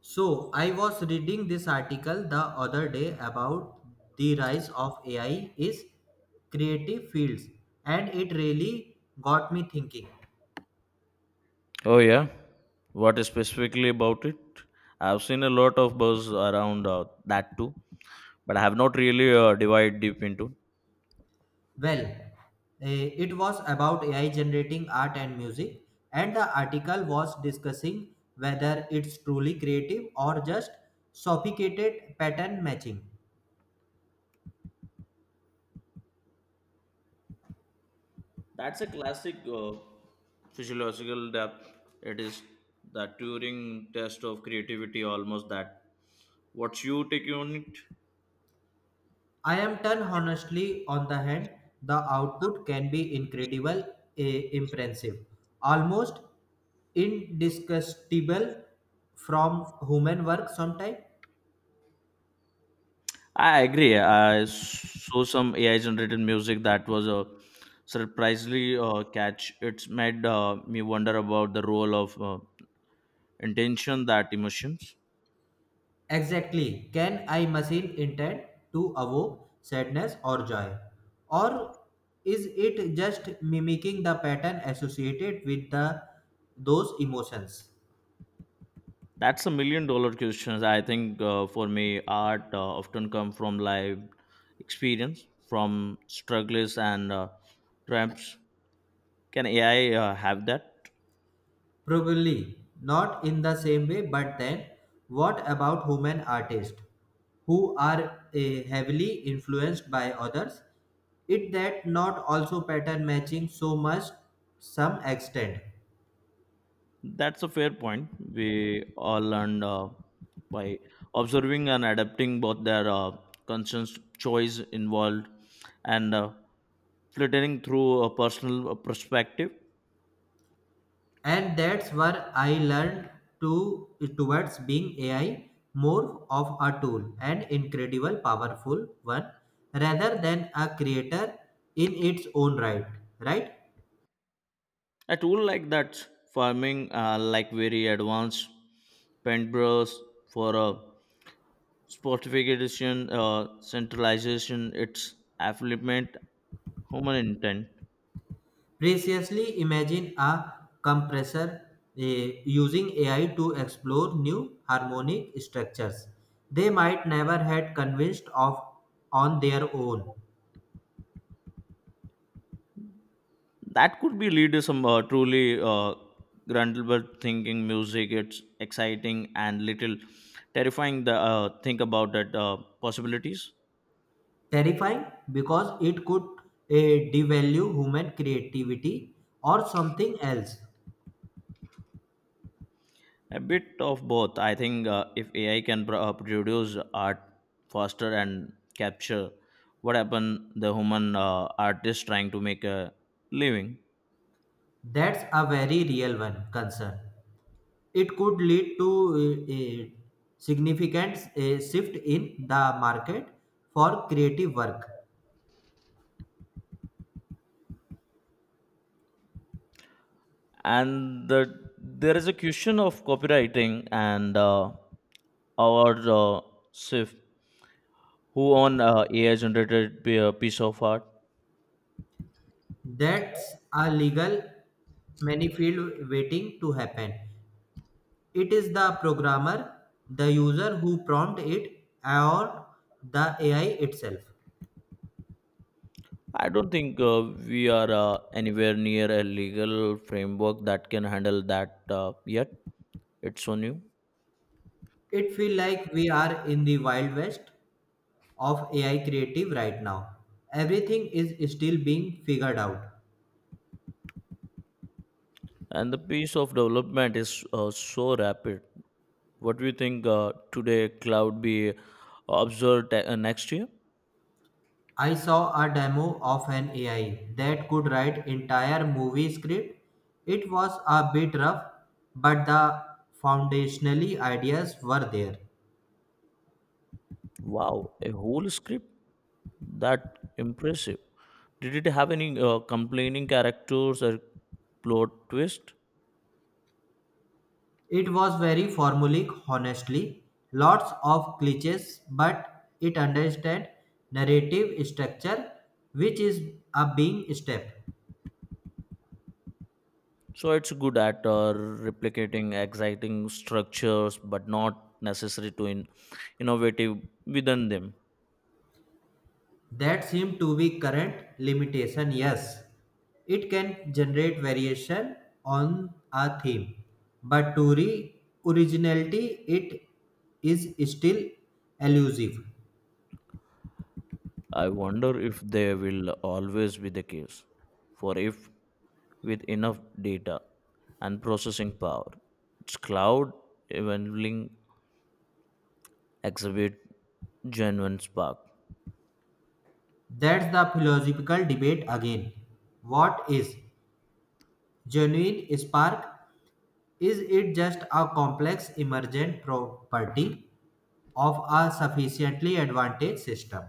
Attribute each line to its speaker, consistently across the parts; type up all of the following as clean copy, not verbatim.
Speaker 1: So, I was reading this article the other day about the rise of AI is creative fields and it really got me thinking.
Speaker 2: Oh, yeah. What specifically about it? I've seen a lot of buzz around that too, but I have not really divide deep into.
Speaker 1: Well, it was about AI generating art and music and the article was discussing whether it's truly creative or just sophisticated pattern matching.
Speaker 2: That's a classic physiological depth. It is the Turing test of creativity, almost that. What's your take on it?
Speaker 1: I am done honestly on the hand, the output can be incredible, impressive, almost indistinguishable from human work sometimes.
Speaker 2: I agree. I saw some AI generated music that was a surprisingly catch. It's made me wonder about the role of intention that emotions.
Speaker 1: Exactly, can I machine intend to evoke sadness or joy? Or is it just mimicking the pattern associated with the those emotions?
Speaker 2: That's a million dollar question. I think for me, art often come from life experience, from struggles and triumphs. Can AI have that?
Speaker 1: Probably not in the same way, but then what about human artists who are heavily influenced by others? It that not also pattern matching so much some extent.
Speaker 2: That's a fair point. We all learn by observing and adapting both their conscious choice involved and filtering through a personal perspective.
Speaker 1: And that's where I learned to towards being AI more of a tool an incredible powerful one rather than a creator in its own right. Right?
Speaker 2: A tool like that, farming, like very advanced paintbrush for a Spotification, centralization, its affluent human intent.
Speaker 1: Previously, imagine a compressor using AI to explore new harmonic structures they might never had convinced of on their own.
Speaker 2: That could be lead to some truly Grundlberg thinking music. It's exciting and little terrifying. The think about that possibilities.
Speaker 1: Terrifying because it could devalue human creativity or something else.
Speaker 2: A bit of both. I think if AI can produce art faster and capture what happened the human artist trying to make a living.
Speaker 1: That's a very real one concern. It could lead to eh, eh, significant shift in the market for creative work.
Speaker 2: And there is a question of copywriting and our sif who own ai generated piece of art.
Speaker 1: That's a legal manifold waiting to happen. It is the programmer, the user who prompt it, or the AI itself.
Speaker 2: I don't think we are anywhere near a legal framework that can handle that yet. It's so new,
Speaker 1: It feels like we are in the wild west of AI creative right now. Everything is still being figured out.
Speaker 2: and the pace of development is so rapid. What do you think today cloud be observed next year?
Speaker 1: I saw a demo of an AI that could write entire movie script. It was a bit rough, but the foundationally ideas were there.
Speaker 2: Wow, a whole script? That impressive. Did it have any complaining characters or plot twist?
Speaker 1: It was very formulaic, honestly, lots of cliches, but it understood narrative structure, which is a being step.
Speaker 2: So it's good at replicating exciting structures, but not necessary to innovative within them.
Speaker 1: That seemed to be current limitation, yes. It can generate variation on a theme, but originality, it is still elusive.
Speaker 2: I wonder if they will always be the case. For if with enough data and processing power, its cloud evolving exhibit genuine spark.
Speaker 1: That's the philosophical debate again. What is genuine spark? Is it just a complex emergent property of a sufficiently advantaged system?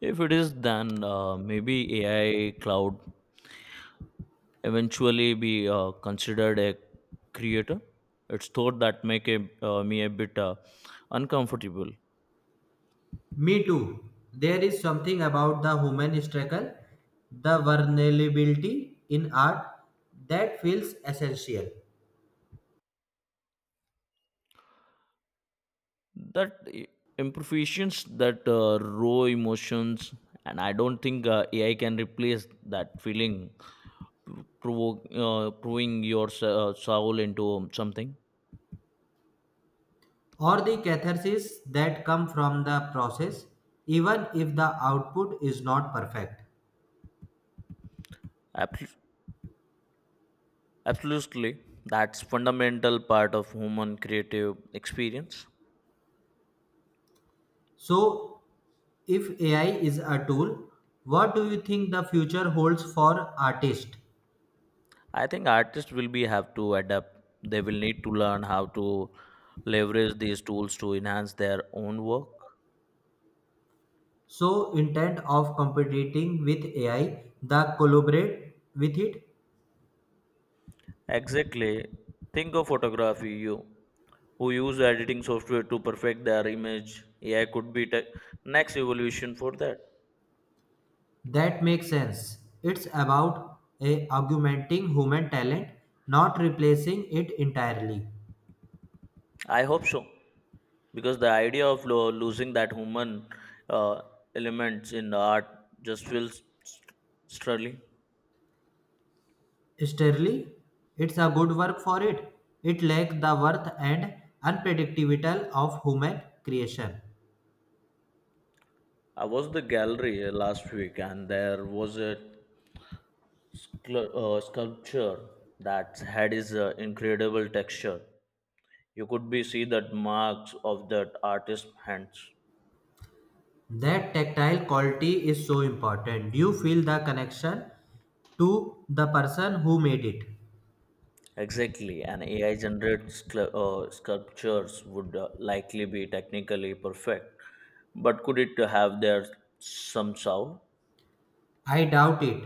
Speaker 2: If it is, then maybe AI cloud eventually be considered a creator. It's thought that make a, me a bit uncomfortable.
Speaker 1: Me too. There is something about the human struggle, the vulnerability in art that feels essential,
Speaker 2: That i- Imperfections, that raw emotions, and I don't think AI can replace that feeling, provoke, proving your soul into something.
Speaker 1: or the catharsis that come from the process, even if the output is not perfect.
Speaker 2: Abs- Absolutely, that's fundamental part of human creative experience.
Speaker 1: So, if AI is a tool, what do you think the future holds for artists?
Speaker 2: I think artists will be have to adapt. They will need to learn how to leverage these tools to enhance their own work.
Speaker 1: So intent of competing with AI, the collaborate with it,
Speaker 2: Exactly. Think of photography, you who use editing software to perfect their image. AI could be the next evolution for that.
Speaker 1: that makes sense. It's about a augmenting human talent, not replacing it entirely.
Speaker 2: I hope so, because the idea of losing that human uh, elements in the art just feels sterling.
Speaker 1: Sterling, it's a good work for it. It lacks the worth and unpredictability of human creation.
Speaker 2: I was the gallery last week, and there was a sculpture that had is incredible texture. You could be see that marks of that artist's hands.
Speaker 1: That tactile quality is so important. Do you feel the connection to the person who made it?
Speaker 2: Exactly, and AI generated sculptures would likely be technically perfect, but could it have their some sound?
Speaker 1: I doubt it.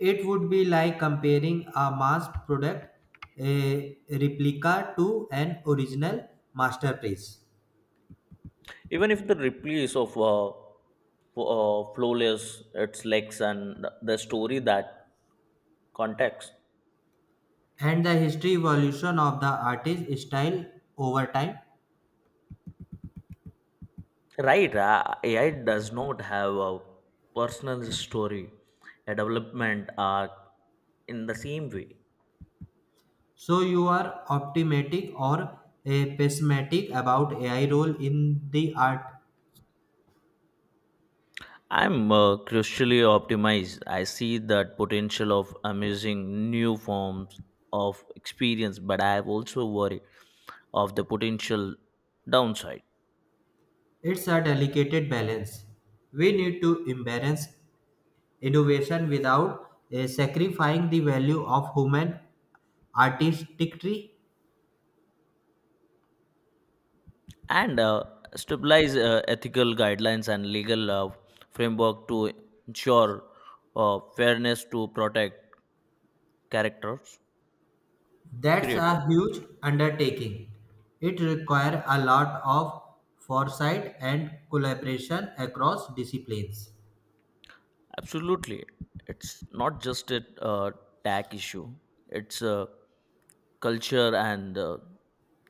Speaker 1: It would be like comparing a mass product, a replica, to an original masterpiece,
Speaker 2: Even if the replies of flawless its legs and the story that context.
Speaker 1: and the history evolution of the artist's style over time.
Speaker 2: Right, AI does not have a personal story, a development arc in the same way.
Speaker 1: So, you are optimistic or pessimistic about AI role in the art.
Speaker 2: I'm crucially optimized. I see that potential of amazing new forms of experience, but I have also worry of the potential downside.
Speaker 1: It's a delicate balance. We need to embrace innovation without sacrificing the value of human artistry.
Speaker 2: And stabilize ethical guidelines and legal framework to ensure fairness to protect characters
Speaker 1: That's
Speaker 2: creators.
Speaker 1: a huge undertaking. It requires a lot of foresight and collaboration across disciplines.
Speaker 2: Absolutely. It's not just a tech issue, it's a culture and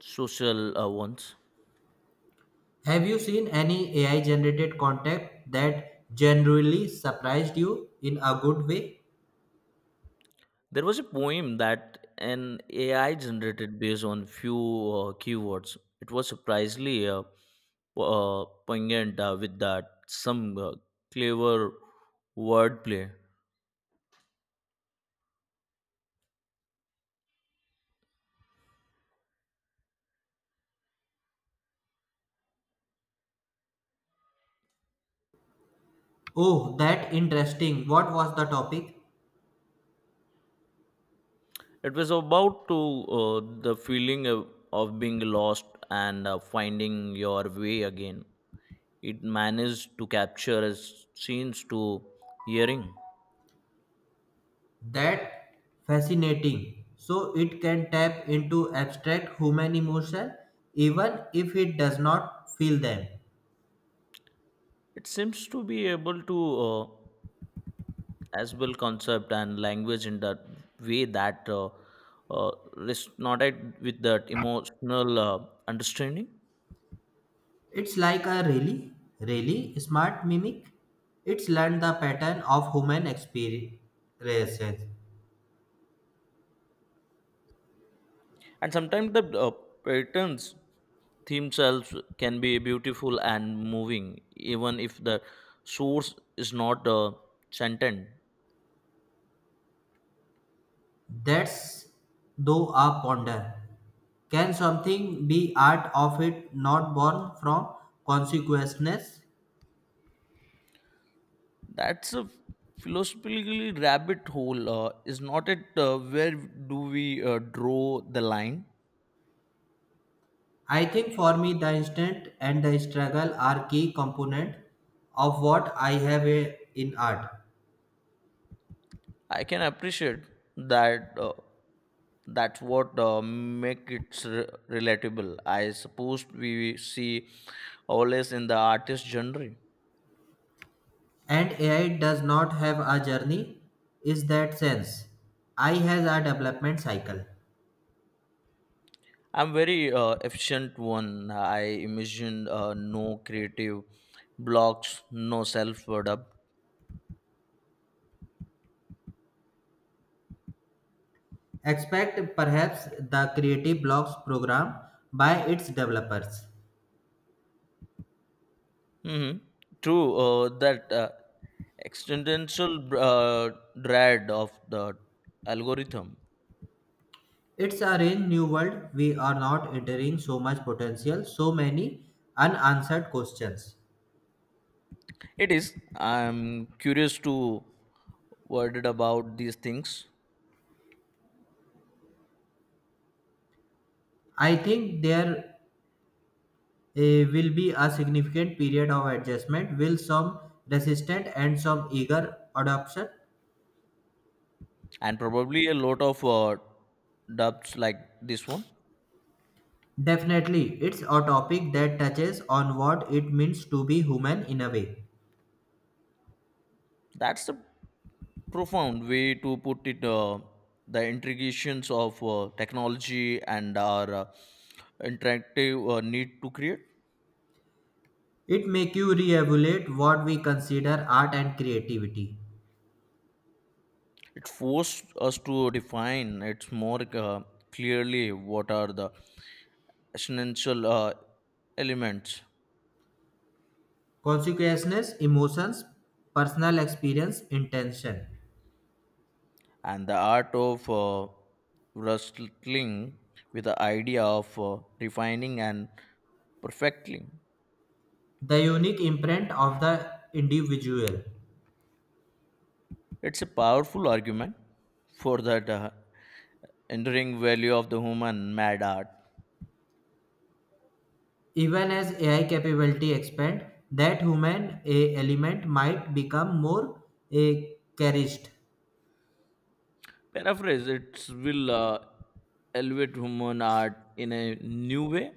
Speaker 2: social ones.
Speaker 1: Have you seen any AI generated content that generally surprised you in a good way?
Speaker 2: There was a poem that an AI generated based on few keywords. It was surprisingly poignant with that some clever wordplay.
Speaker 1: Oh, that interesting. What was the topic?
Speaker 2: It was about to the feeling of being lost and finding your way again. It managed to capture as scenes to hearing.
Speaker 1: That fascinating. So it can tap into abstract human emotion even if it does not feel them.
Speaker 2: It seems to be able to as well concept and language in that way that uh, resonated with that emotional understanding.
Speaker 1: It's like a really, really smart mimic. It's learned the pattern of human experiences.
Speaker 2: And sometimes the patterns themselves can be beautiful and moving, even if the source is not sentient.
Speaker 1: That's though a ponder. Can something be art of it not born from consequences?
Speaker 2: That's a philosophically rabbit hole is not it where do we draw the line.
Speaker 1: I think for me the instant and the struggle are key component of what I have in art.
Speaker 2: I can appreciate that that's what make it relatable. I suppose we see always in the artist genre.
Speaker 1: And AI does not have a journey is that sense. I has a development cycle.
Speaker 2: I'm very efficient one. I imagine no creative blocks no self-word.
Speaker 1: Expect perhaps the Creative Blocks program by its developers.
Speaker 2: Hmm. True, that existential uh, dread of the algorithm.
Speaker 1: It's a range new world. We are not entering so much potential, so many unanswered questions.
Speaker 2: It is. I'm curious to word it about these things,
Speaker 1: I think there will be a significant period of adjustment, will some resistant and some eager adoption.
Speaker 2: and probably a lot of dubs like this one.
Speaker 1: Definitely, it's a topic that touches on what it means to be human in a way.
Speaker 2: That's a profound way to put it. The intrications of technology and our interactive need to create.
Speaker 1: It make you reevaluate what we consider art and creativity.
Speaker 2: It forced us to define it's more clearly what are the essential elements
Speaker 1: Consciousness, emotions, personal experience, intention.
Speaker 2: and the art of wrestling with the idea of refining and perfecting.
Speaker 1: The unique imprint of the individual.
Speaker 2: It's a powerful argument for that enduring value of the human mad art.
Speaker 1: Even as AI capability expand, that human a element might become more eh, cherished.
Speaker 2: Paraphrase, it will elevate human art in a new way.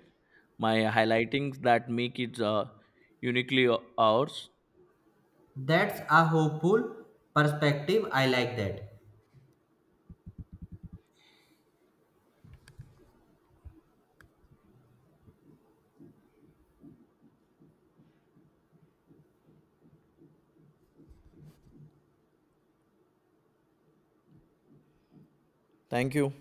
Speaker 2: My highlightings that make it uniquely ours.
Speaker 1: That's a hopeful perspective. I like that.
Speaker 2: Thank you.